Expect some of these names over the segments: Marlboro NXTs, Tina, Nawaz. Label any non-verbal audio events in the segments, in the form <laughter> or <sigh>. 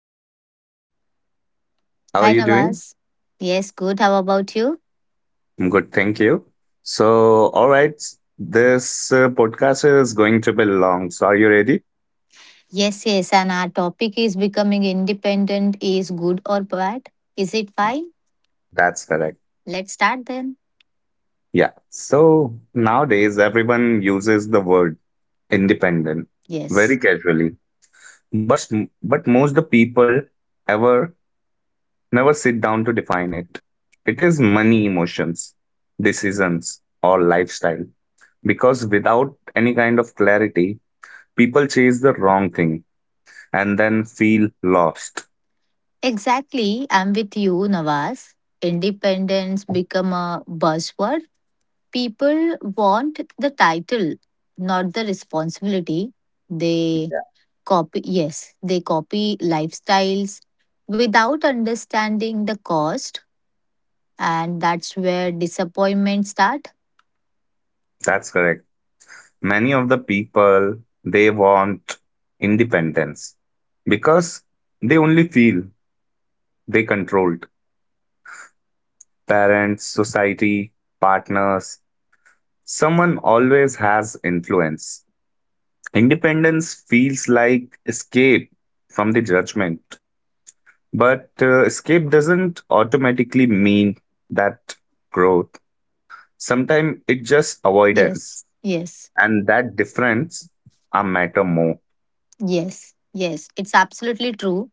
Nawaz here. How are Hi you doing? Nawaz. Yes, good. How about you? I'm good, thank you. So, all right, this podcast is going to be long. So, are you ready? Yes, yes. And our topic is becoming independent is good or bad? Is it fine? That's correct. Let's start then. Yeah. So, nowadays, everyone uses the word independent Yes. very casually, but, but most the people ever never sit down to define it. It is money, emotions, decisions, or lifestyle because without any kind of clarity people chase the wrong thing and then feel lost. Exactly. I'm with you, Nawaz. Independence become a buzzword. People want the title, not the responsibility. They copy yes, they copy lifestyles without understanding the cost, and that's where disappointment start. That's correct. Many of the people they want independence because they only feel they controlled. Parents, society, partners, someone always has influence. Independence feels like escape from the judgment, but escape doesn't automatically mean that growth. Sometimes it just avoidance Yes, yes, and that difference are matter more, yes, yes. It's absolutely true.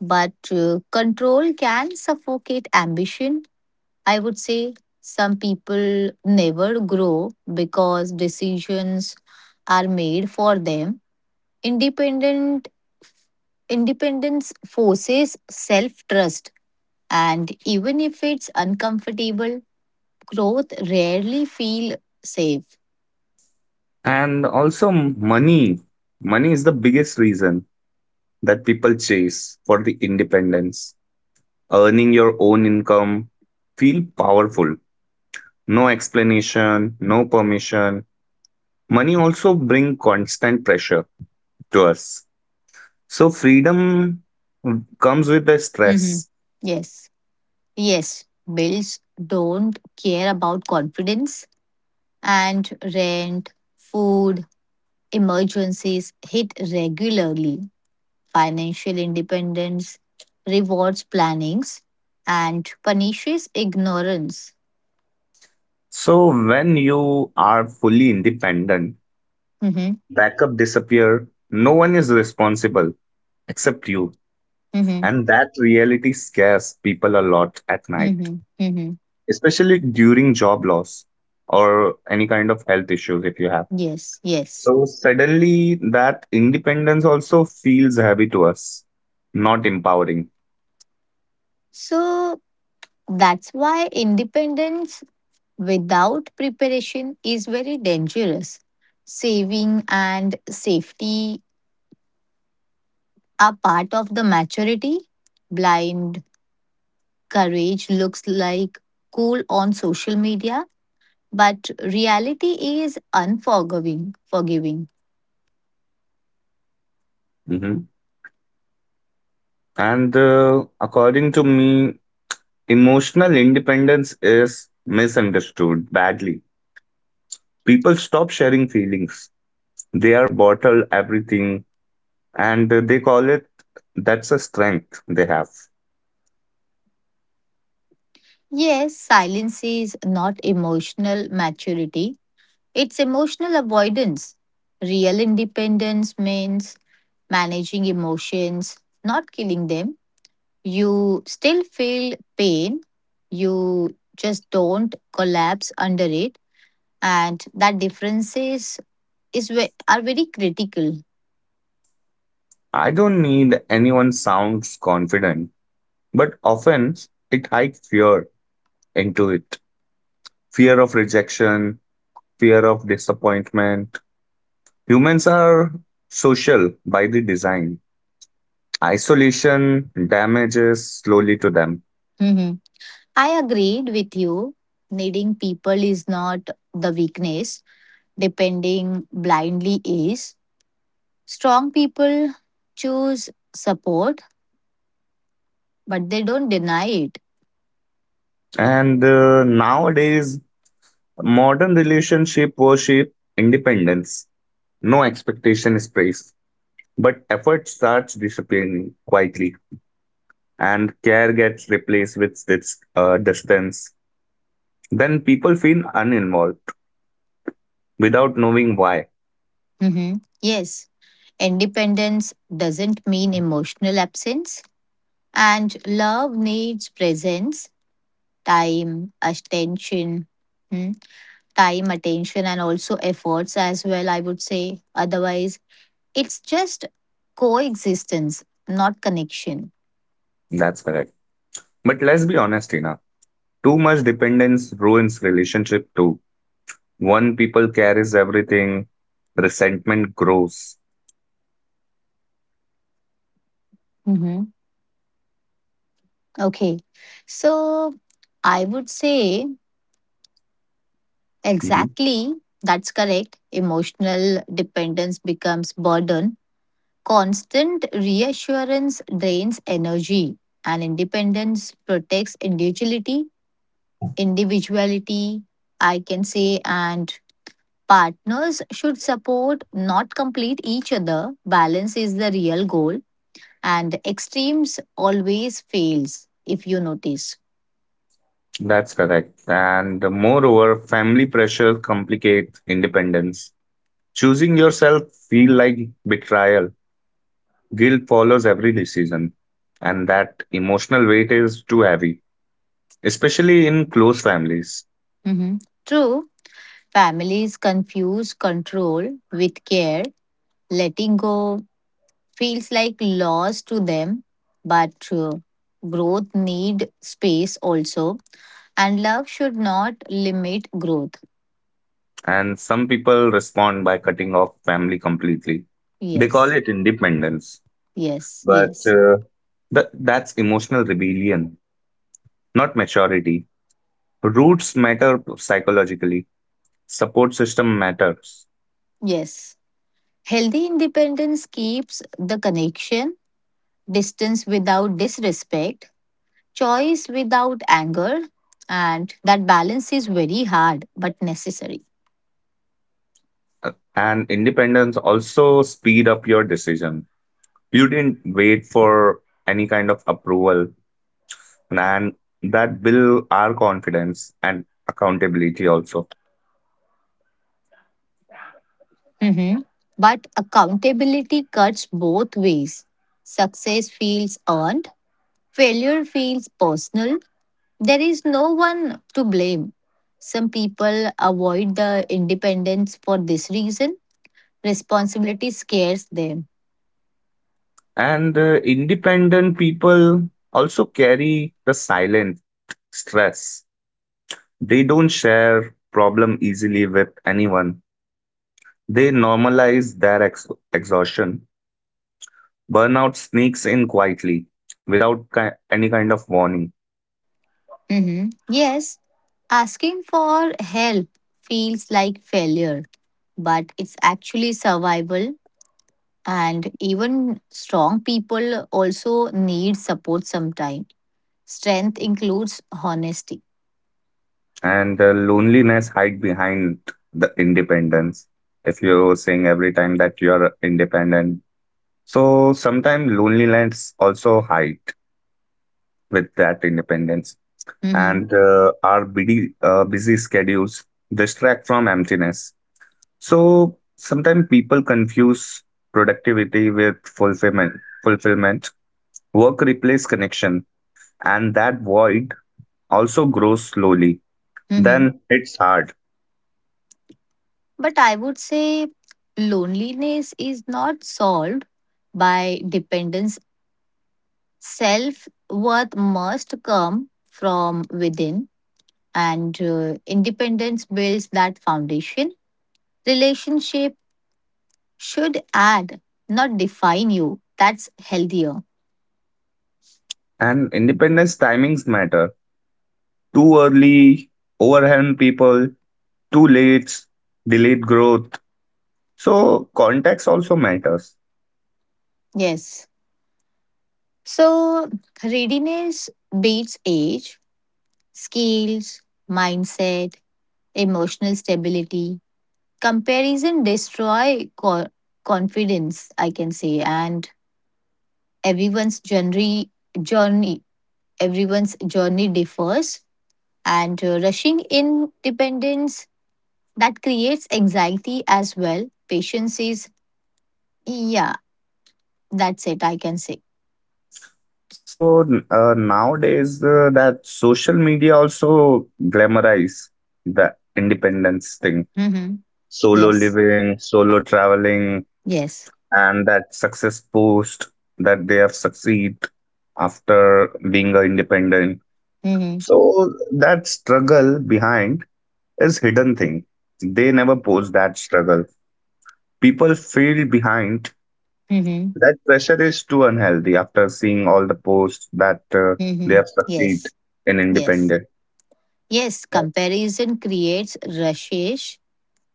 But control can suffocate ambition. I would say some people never grow because decisions are made for them. Independent independence forces self-trust, and even if it's uncomfortable, growth rarely feel safe. and also money money is the biggest reason that people chase for the independence. Earning your own income feel powerful, no explanation, no permission. Money also bring constant pressure to us, so freedom comes with the Mhm. stress. Yes, yes. Bills don't care about confidence and rent, food, emergencies hit regularly. Financial independence rewards plannings and punishes ignorance. So when you are fully independent, Hmm. backup disappear, no one is responsible except you. Hmm. And that reality scares people a lot at night, Hmm. Hmm. especially during job loss or any kind of health issues if you have. Yes, yes. So suddenly that independence also feels heavy to us, not empowering. So that's why independence without preparation is very dangerous. Saving and safety are part of the maturity. Blind courage looks like cool on social media, but reality is unforgiving. Forgiving. Hmm And according to me, emotional independence is misunderstood badly. People stop sharing feelings. They are bottled everything and they call it that's a strength they have. Yes, silence is not emotional maturity, it's emotional avoidance. Real independence means managing emotions, not killing them. You still feel pain, you just don't collapse under it, and that differences are very critical. I don't need anyone sounds confident, but often it hides fear into it. Fear of rejection, fear of disappointment. Humans are social by the design. Isolation damages slowly to them. Mm-hmm. I agreed with you. Needing people is not the weakness, depending blindly is. Strong people choose support, but they don't deny it. And nowadays, modern relationship worship independence. No expectation is praised, but effort starts disappearing quietly, and care gets replaced with its distance. Then people feel uninvolved without knowing why. Mhm. Yes, independence doesn't mean emotional absence, and love needs presence, time, attention. hmm, Time, attention, and also efforts as well, I would say. Otherwise, it's just coexistence, not connection. That's correct. But let's be honest, Tina. Too much dependence ruins relationship too. One people carries everything, resentment grows. Mm-hmm. Okay. So I would say Hmm exactly, that's correct. Emotional dependence becomes burden. Constant reassurance drains energy, and independence protects individuality, I can say, and partners should support, not complete each other. Balance is the real goal. And extremes always fails, if you notice. That's correct. And moreover, family pressure complicates independence. Choosing yourself feel like betrayal. Guilt follows every decision, and that emotional weight is too heavy, especially in close families. Mhm. True. Families confuse control with care. Letting go feels like loss to them, but growth need space also, and love should not limit growth. And some people respond by cutting off family completely. They call Yes. it independence, Yes. but Yes. Th- that's emotional rebellion, not maturity. Roots matter psychologically, support system matters. Yes. Healthy independence keeps the connection, distance without disrespect, choice without anger. And that balance is very hard but necessary. And independence also speed up your decision. You didn't wait for any kind of approval, and that build our confidence and accountability also. Mhm. But accountability cuts both ways. Success feels earned, failure feels personal. There is no one to blame. Some people avoid the independence for this reason. Responsibility scares them. And independent people also carry the silent stress. They don't share problem easily with anyone. They normalize their exhaustion. Burnout sneaks in quietly without any kind of warning. Mhm. Yes, asking for help feels like failure, but it's actually survival. And even strong people also need support sometimes. Strength includes honesty. And loneliness hide behind the independence. If you're saying every time that you're independent. So sometimes loneliness also hide with that independence, Hmm. and our busy schedules distract from emptiness. So sometimes people confuse productivity with fulfillment. Fulfillment work replaces connection, and that void also grows slowly. Hmm. Then it's hard. But I would say loneliness is not solved by dependence. Self worth must come from within, and independence builds that foundation. Relationship should add, not define you. That's healthier. And independence timings matter. Too early, overwhelm people. Too late, delayed growth. So context also matters. Yes. So, readiness beats age, skills, mindset, emotional stability. Comparison destroy confidence, I can say, and everyone's journey journey everyone's journey differs, and rushing in dependence that creates anxiety as well. Patience is, yeah, that's it I can say. So nowadays, that social media also glamorize the independence thing, Mhm. solo Yes. living, solo traveling, Yes. and that success post that they have succeed after being a independent. Mhm. So that struggle behind is hidden thing. They never post that struggle. People feel behind. Mhm. That pressure is too unhealthy after seeing all the posts that they Mhm. have succeed Yes. in Yes. independence. Yes, comparison creates rushish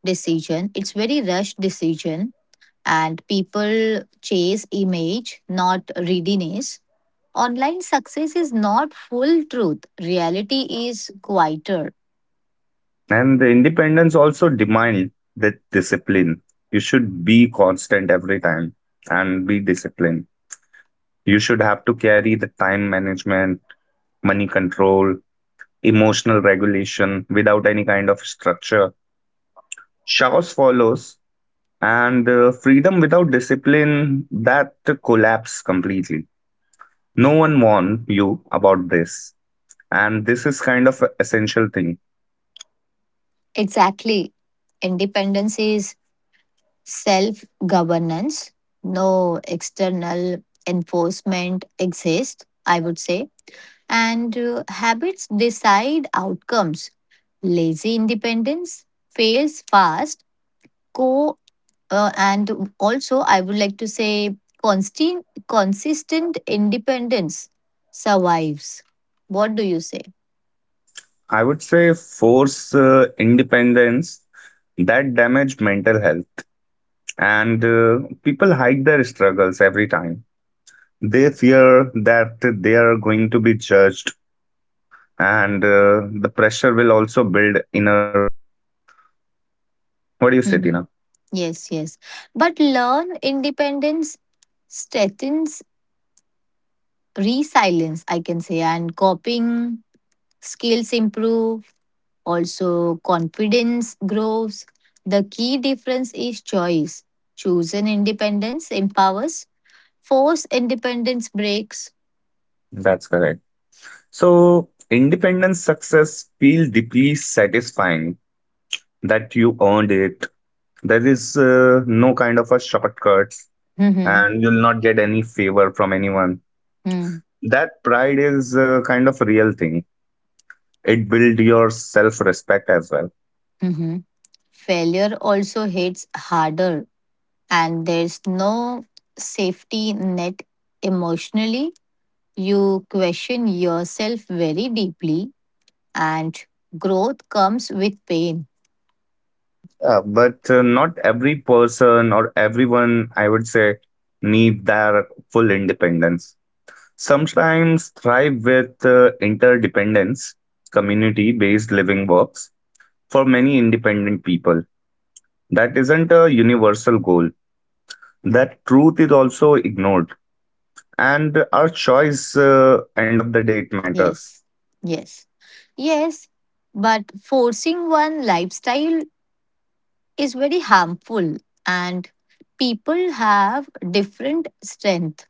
decision. It's very rushed decision, and people chase image, not readiness. Online success is not full truth. Reality is quieter. And the independence also demand that discipline. You should be constant every time and be disciplined. You should have to carry the time management, money control, emotional regulation without any kind of structure. Chaos follows, and freedom without discipline that collapse completely. No one warned you about this, and this is kind of a essential thing. Exactly. Independence is self governance. No external enforcement exists, I would say. And habits decide outcomes. Lazy independence fails fast. Co And also, I would like to say, consistent independence survives. What do you say? I would say force independence that damage mental health, and people hide their struggles every time. They fear that they are going to be judged, and the pressure will also build inner. What do you say, Hmm. Tina? Yes, yes. But learn independence strengthens resilience, I can say, and coping skills improve. Also, confidence grows. The key difference is choice. Chosen independence empowers, forced independence breaks. That's correct. So independence success feel deeply satisfying that you earned it. There is no kind of a shortcut, Mhm. and you'll not get any favor from anyone. Mm. That pride is a kind of a real thing. It builds your self respect as well. Mhm. Failure also hits harder, and there's no safety net emotionally. You question yourself very deeply, and growth comes with pain. But not every person or everyone, I would say, need their full independence. Sometimes thrive with interdependence. Community based living works for many independent people. That isn't a universal goal. That truth is also ignored, and our choice, end of the day it matters. Yes, yes. Yes, but forcing one lifestyle is very harmful, and people have different strength,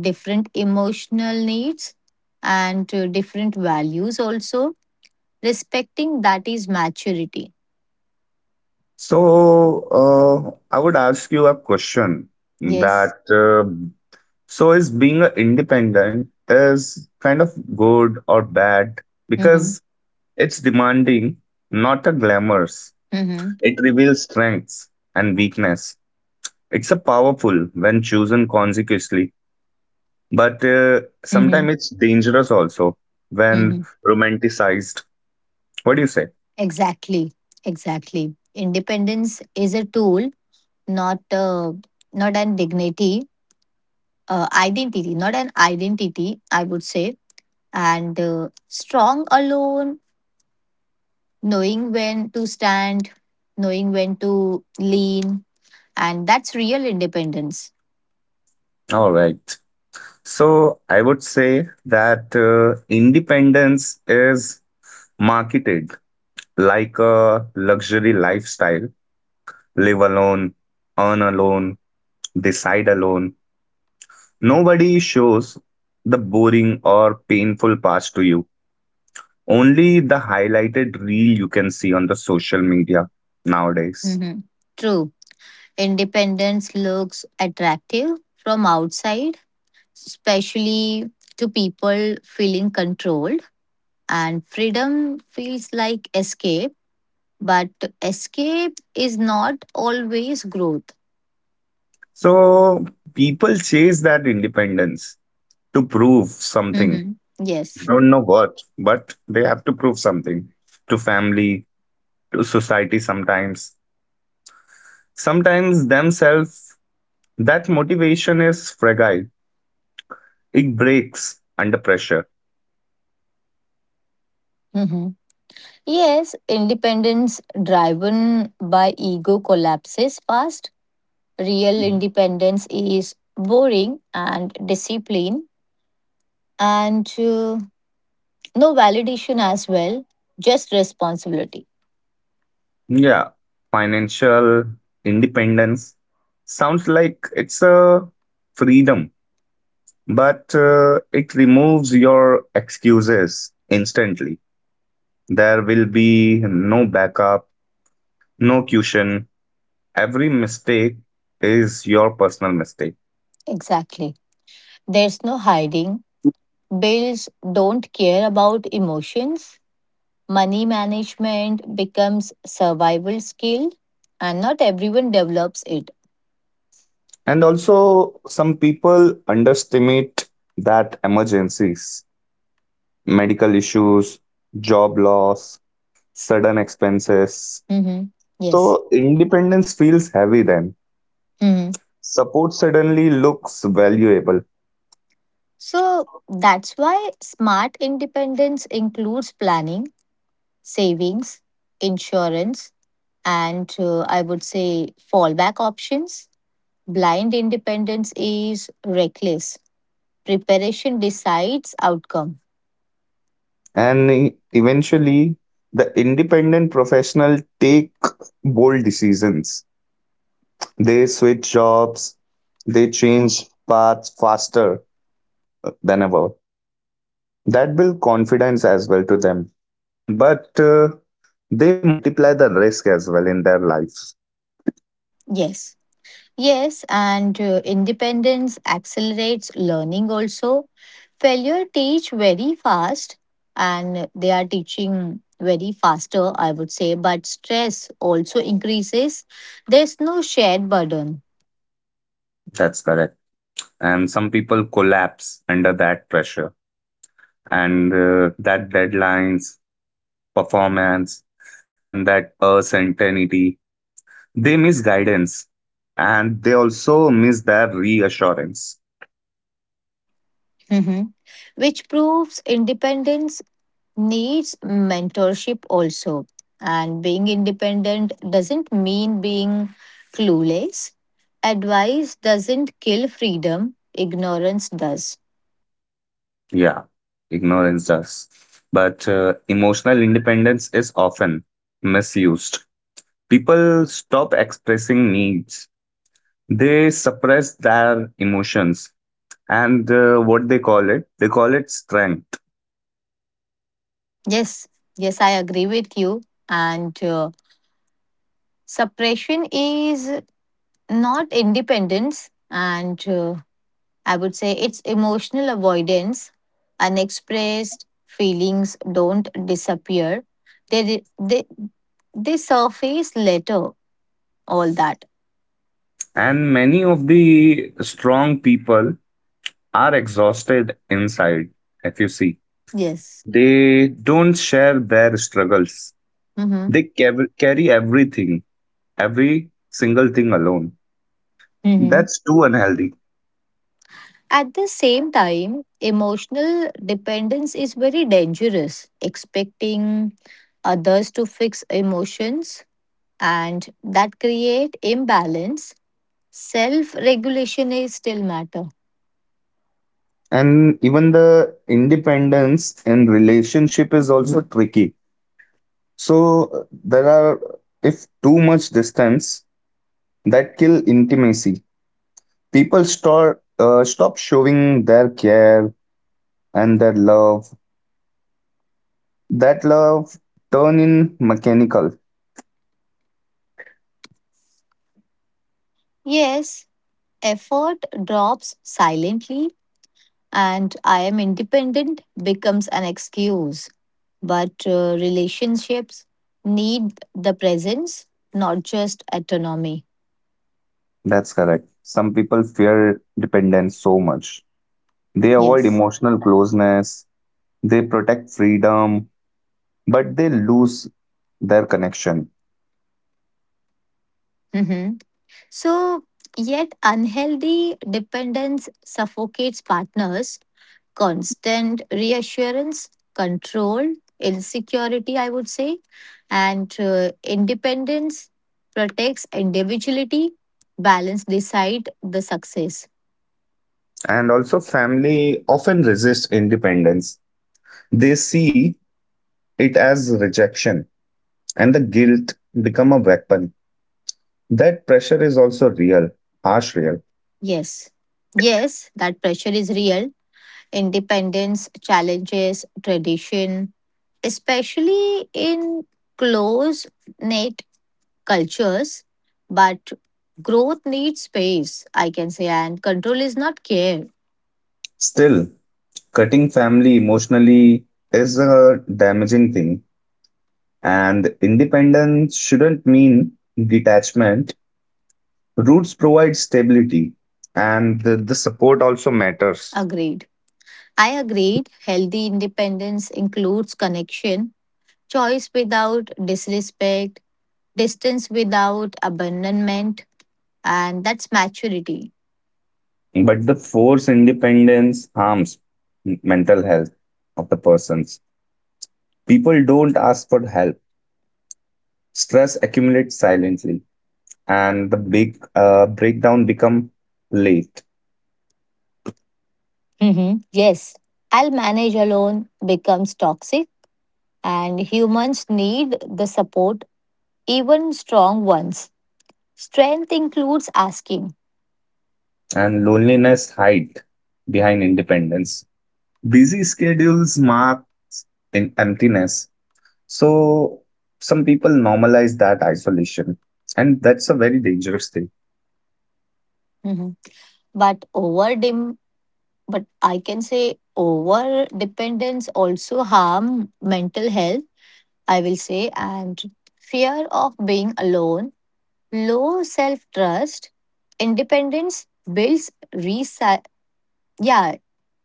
different emotional needs, and different values also. Respecting that is maturity. So, I would ask you a question Yes. that so is being a independent is kind of good or bad, Mm-hmm. because it's demanding, not a glamorous. Mm-hmm. It reveals strengths and weakness. It's a powerful when chosen consequently, but Mm-hmm. sometimes it's dangerous also Mm-hmm. when romanticized. What do you say? exactly exactly, independence is a tool, not uh, not an dignity not an identity, I would say. And strong alone, knowing when to stand, knowing when to lean, and that's real independence. All right. So I would say that independence is marketed like a luxury lifestyle. Live alone, earn alone, decide alone. Nobody shows the boring or painful parts to you. Only the highlighted reel you can see on the social media nowadays. Mhm. True. Independence looks attractive from outside, especially to people feeling controlled, and freedom feels like escape, but escape is not always growth. So people chase that independence to prove something. Mhm. Yes. Don't know what, but they have to prove something to family, to society sometimes, sometimes themselves. That motivation is fragile, it breaks under pressure. Mhm. Yes, independence driven by ego collapses fast. Real independence is boring and discipline, and no validation as well, just responsibility. Yeah, financial independence sounds like it's a freedom, but it removes your excuses instantly. There will be no backup, no cushion. Every mistake is your personal mistake. Exactly. There's no hiding. Bills don't care about emotions. Money management becomes survival skill, and not everyone develops it. And also, some people underestimate that emergencies, medical issues, job loss, sudden expenses. Mm-hmm. Yes. So, independence feels heavy then. Mm-hmm. Support suddenly looks valuable. So that's why smart independence includes planning, savings, insurance, and I would say fallback options. Blind independence is reckless. Preparation decides outcome. And eventually, the independent professional take bold decisions. They switch jobs, they change paths faster than ever. That builds confidence as well to them, but they multiply the risk as well in their lives. Yes. Yes, and independence accelerates learning also. Failure teach very fast, and they are teaching very faster, I would say, but stress also increases. There's no shared burden. That's correct. And some people collapse under that pressure, and that deadlines, performance, and that uncertainty. They miss guidance and they also miss their reassurance. Mhm. Which proves independence needs mentorship also. And being independent doesn't mean being clueless. Advice doesn't kill freedom, ignorance does. Yeah, ignorance does. But emotional independence is often misused. People stop expressing needs. They suppress their emotions, and what they call it strength. Yes, yes, I agree with you. And suppression is not independence, and I would say it's emotional avoidance. Unexpressed feelings don't disappear, they, re- they, they surface later, all that. And many of the strong people are exhausted inside, if you see. Yes. They don't share their struggles, Mm-hmm. they carry everything, every single thing alone. Mm-hmm. That's too unhealthy. At the same time, emotional dependence is very dangerous. Expecting others to fix emotions, and that create imbalance. Self regulation is still matter. And even the independence in relationship is also tricky. So there are if too much distance that kill intimacy. People start stop showing their care and their love. That love turn in mechanical. Yes, effort drops silently, and I am independent becomes an excuse. But relationships need the presence, not just autonomy. That's correct. Some people fear dependence so much. They avoid Yes. emotional closeness. They protect freedom, but they lose their connection. Mm-hmm. So, yet unhealthy dependence suffocates partners. Constant reassurance, control, insecurity, I would say, and independence protects individuality. Balance decide the success. And also, family often resist independence. They see it as rejection, and the guilt become a weapon. That pressure is also real, harsh real. Yes, yes, that pressure is real. Independence challenges tradition, especially in close knit cultures, but growth needs space, I can say, and control is not care. Still, cutting family emotionally is a damaging thing, and independence shouldn't mean detachment. Roots provide stability, and the support also matters. Agreed. I agreed. Healthy independence includes connection, choice without disrespect, distance without abandonment, and that's maturity. But the force independence harms mental health of the persons. People don't ask for help. Stress accumulates silently, and the big breakdown become late. Mhm. Yes, I'll manage alone becomes toxic, and humans need the support, even strong ones. Strength includes asking. And loneliness hide behind independence. Busy schedules mark in emptiness. So some people normalize that isolation, and that's a very dangerous thing. Mhm. but over but I can say over dependence also harm mental health, I will say, and fear of being alone, low self trust, independence builds resi yeah,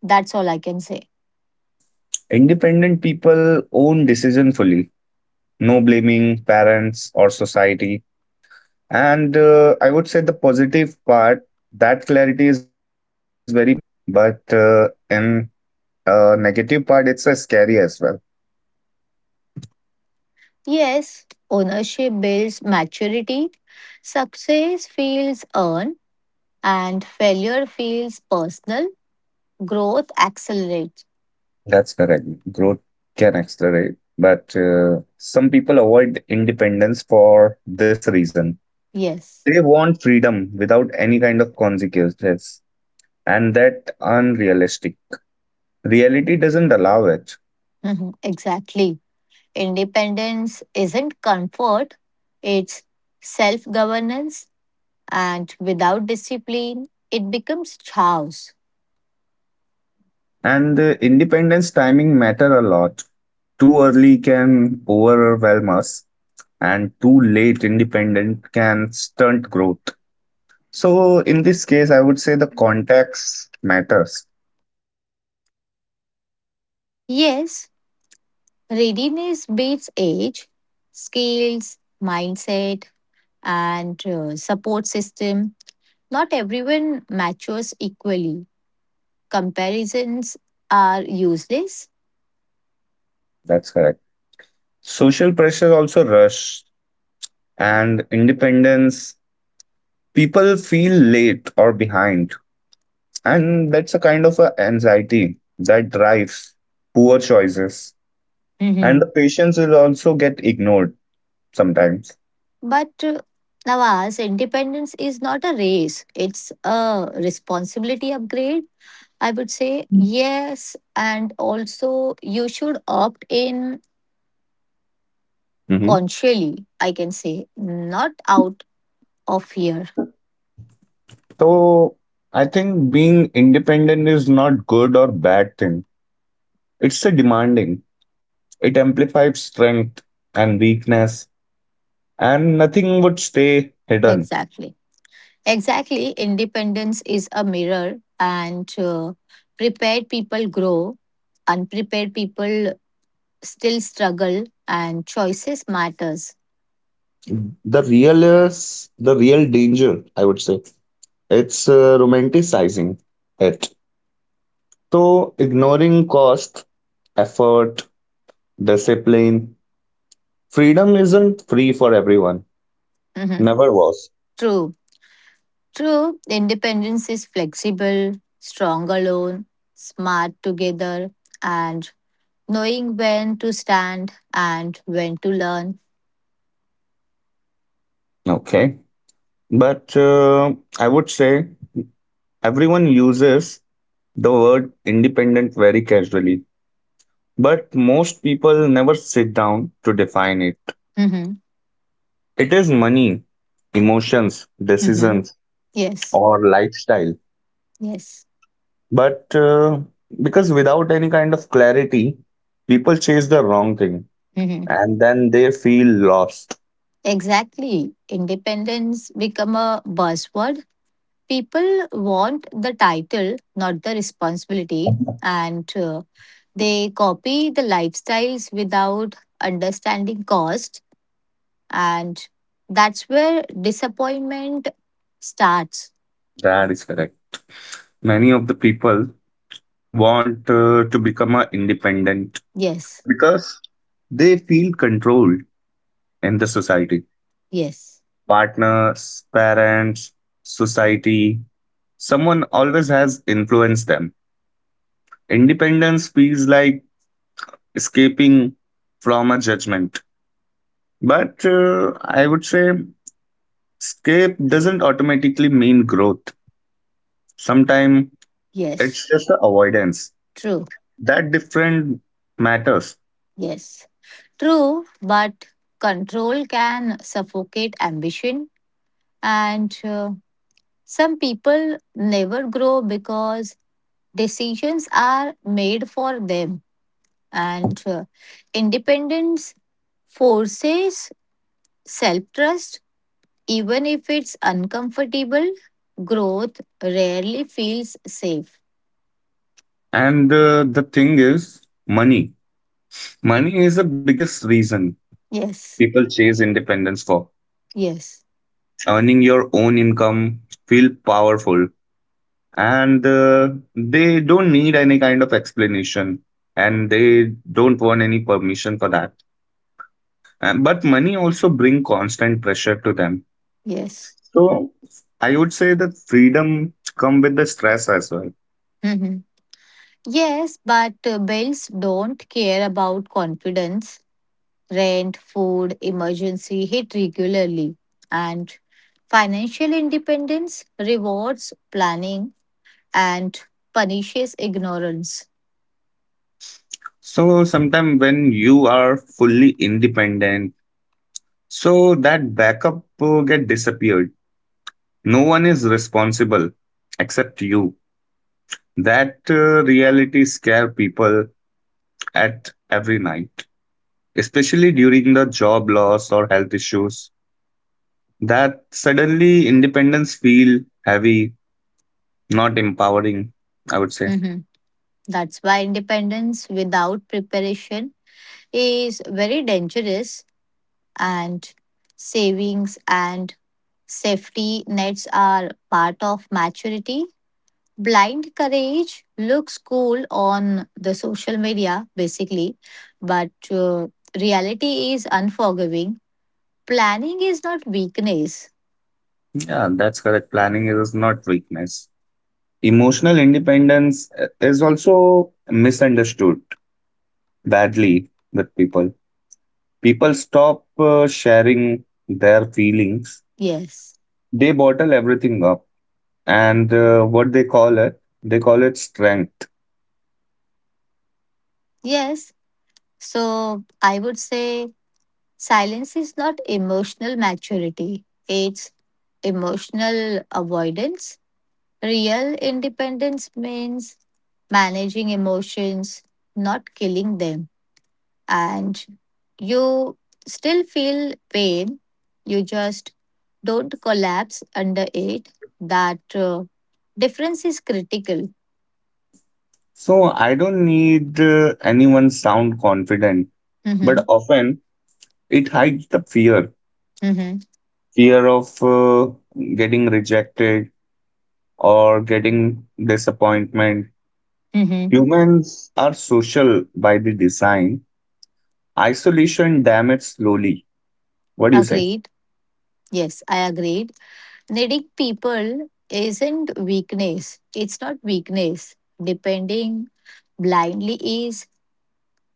that's all I can say. Independent people own decision fully, no blaming parents or society. And I would say the positive part that clarity is very powerful, but in negative part, it's a scary as well. Yes, ownership builds maturity, success feels earned, and failure feels personal, growth accelerates. That's correct. Growth can accelerate, but some people avoid independence for this reason. Yes, They want freedom without any kind of consequences, and that unrealistic. Reality doesn't allow it. <laughs> mhm, exactly. Independence isn't comfort, it's self governance, and without discipline, it becomes chaos. And independence timing matter a lot. Too early can overwhelm us, and too late independent can stunt growth. So in this case, I would say the context matters. Yes, readiness beats age, skills, mindset, and support system. Not everyone matures equally. Comparisons are useless. That's correct. Social pressure also rush and independence. People feel late or behind, and that's a kind of a anxiety that drives poor choices. And Mhm. the patients will also get ignored sometimes. But Nawaz, independence is not a race, it's a responsibility upgrade, I would say. Yes. And also, you should opt in Hmm consciously, I can say, not out of fear. So I think being independent is not good or bad thing. It's a demanding. It amplifies strength and weakness, and nothing would stay hidden. Exactly. Exactly. Independence is a mirror, and prepared people grow, unprepared people still struggle, and choices matters. The real is the real danger, I would say. It's romanticizing it. So, ignoring cost, effort, discipline, freedom isn't free for everyone. Mhm. Never was. True. True. Independence is flexible, strong alone, smart together, and knowing when to stand and when to learn. Okay. But I would say everyone uses the word independent very casually. But most people never sit down to define it. Hmm. It is money, emotions, Hmm. decisions, Yes, or lifestyle. yes. But because without any kind of clarity, people chase the wrong thing Hmm. and then they feel lost. Exactly. Independence become a buzzword. People want the title, not the responsibility, <laughs> and they copy the lifestyles without understanding cost, and that's where disappointment starts. That is correct. Many of the people want to become a independent Yes, because they feel controlled in the society. yes, Partners, parents, society, someone always has influenced them. Independence feels like escaping from a judgment. But I would say escape doesn't automatically mean growth. Sometimes yes. it's just a avoidance. True. That different matters. Yes. True, but control can suffocate ambition, and some people never grow because decisions are made for them, and independence forces self trust, even if it's uncomfortable. Growth rarely feels safe. And the thing is money. Money is the biggest reason Yes, people chase independence for. yes, Earning your own income, feel powerful, and they don't need any kind of explanation and they don't want any permission for that. And, but money also bring constant pressure to them. yes. So I would say that freedom come with the stress as well. Mhm. Yes, but bells don't care about confidence. Rent, food, emergency hit regularly, and financial independence rewards planning and punishes ignorance. So sometimes when you are fully independent, so that backup get disappeared. No one is responsible except you. That reality scare people at every night, especially during the job loss or health issues. That suddenly independence feel heavy, not empowering, I would say. Mhm. That's why independence without preparation is very dangerous, and savings and safety nets are part of maturity. Blind courage looks cool on the social media, basically, but reality is unforgiving. Planning is not weakness. Yeah, that's correct. Planning is not weakness. Emotional independence is also misunderstood badly with people. People stop sharing their feelings. Yes. They bottle everything up, and what they call it strength. Yes. So I would say silence is not emotional maturity, it's emotional avoidance. Real independence means managing emotions, not killing them. And you still feel pain. You just don't collapse under it. That difference is critical. So I don't need anyone sound confident, but Mm-hmm. often it hides the fear, Mm-hmm. fear of getting rejected or getting disappointment. Mm-hmm. Humans are social by the design. Isolation damage slowly. What do you say? Agreed. Yes, I agreed. Needing people isn't weakness. It's not weakness. Depending blindly is.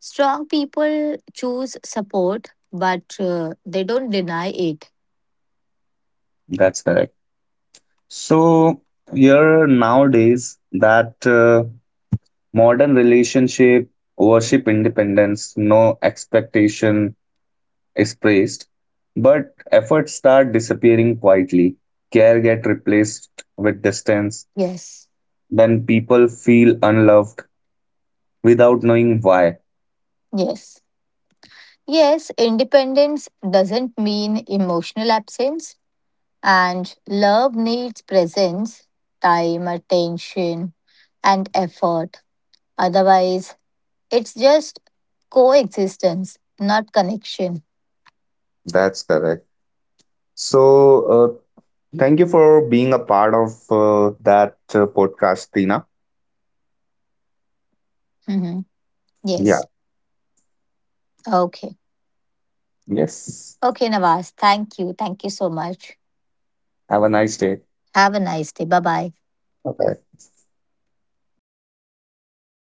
Strong people choose support, but they don't deny it. That's correct. So here nowadays that modern relationship worship independence, no expectation is praised, but efforts start disappearing quietly. Care get replaced with distance. Yes. Then people feel unloved without knowing why. Yes. Yes, independence doesn't mean emotional absence, and love needs presence, time, attention, and effort. Otherwise, it's just coexistence, not connection. That's correct. So, thank you for being a part of that podcast, Tina. Mhm. Yeah. Yes. Okay. Yes. Okay, Nawaz. Thank you. Thank you so much. Have a nice day. Have a nice day. Bye bye. Okay.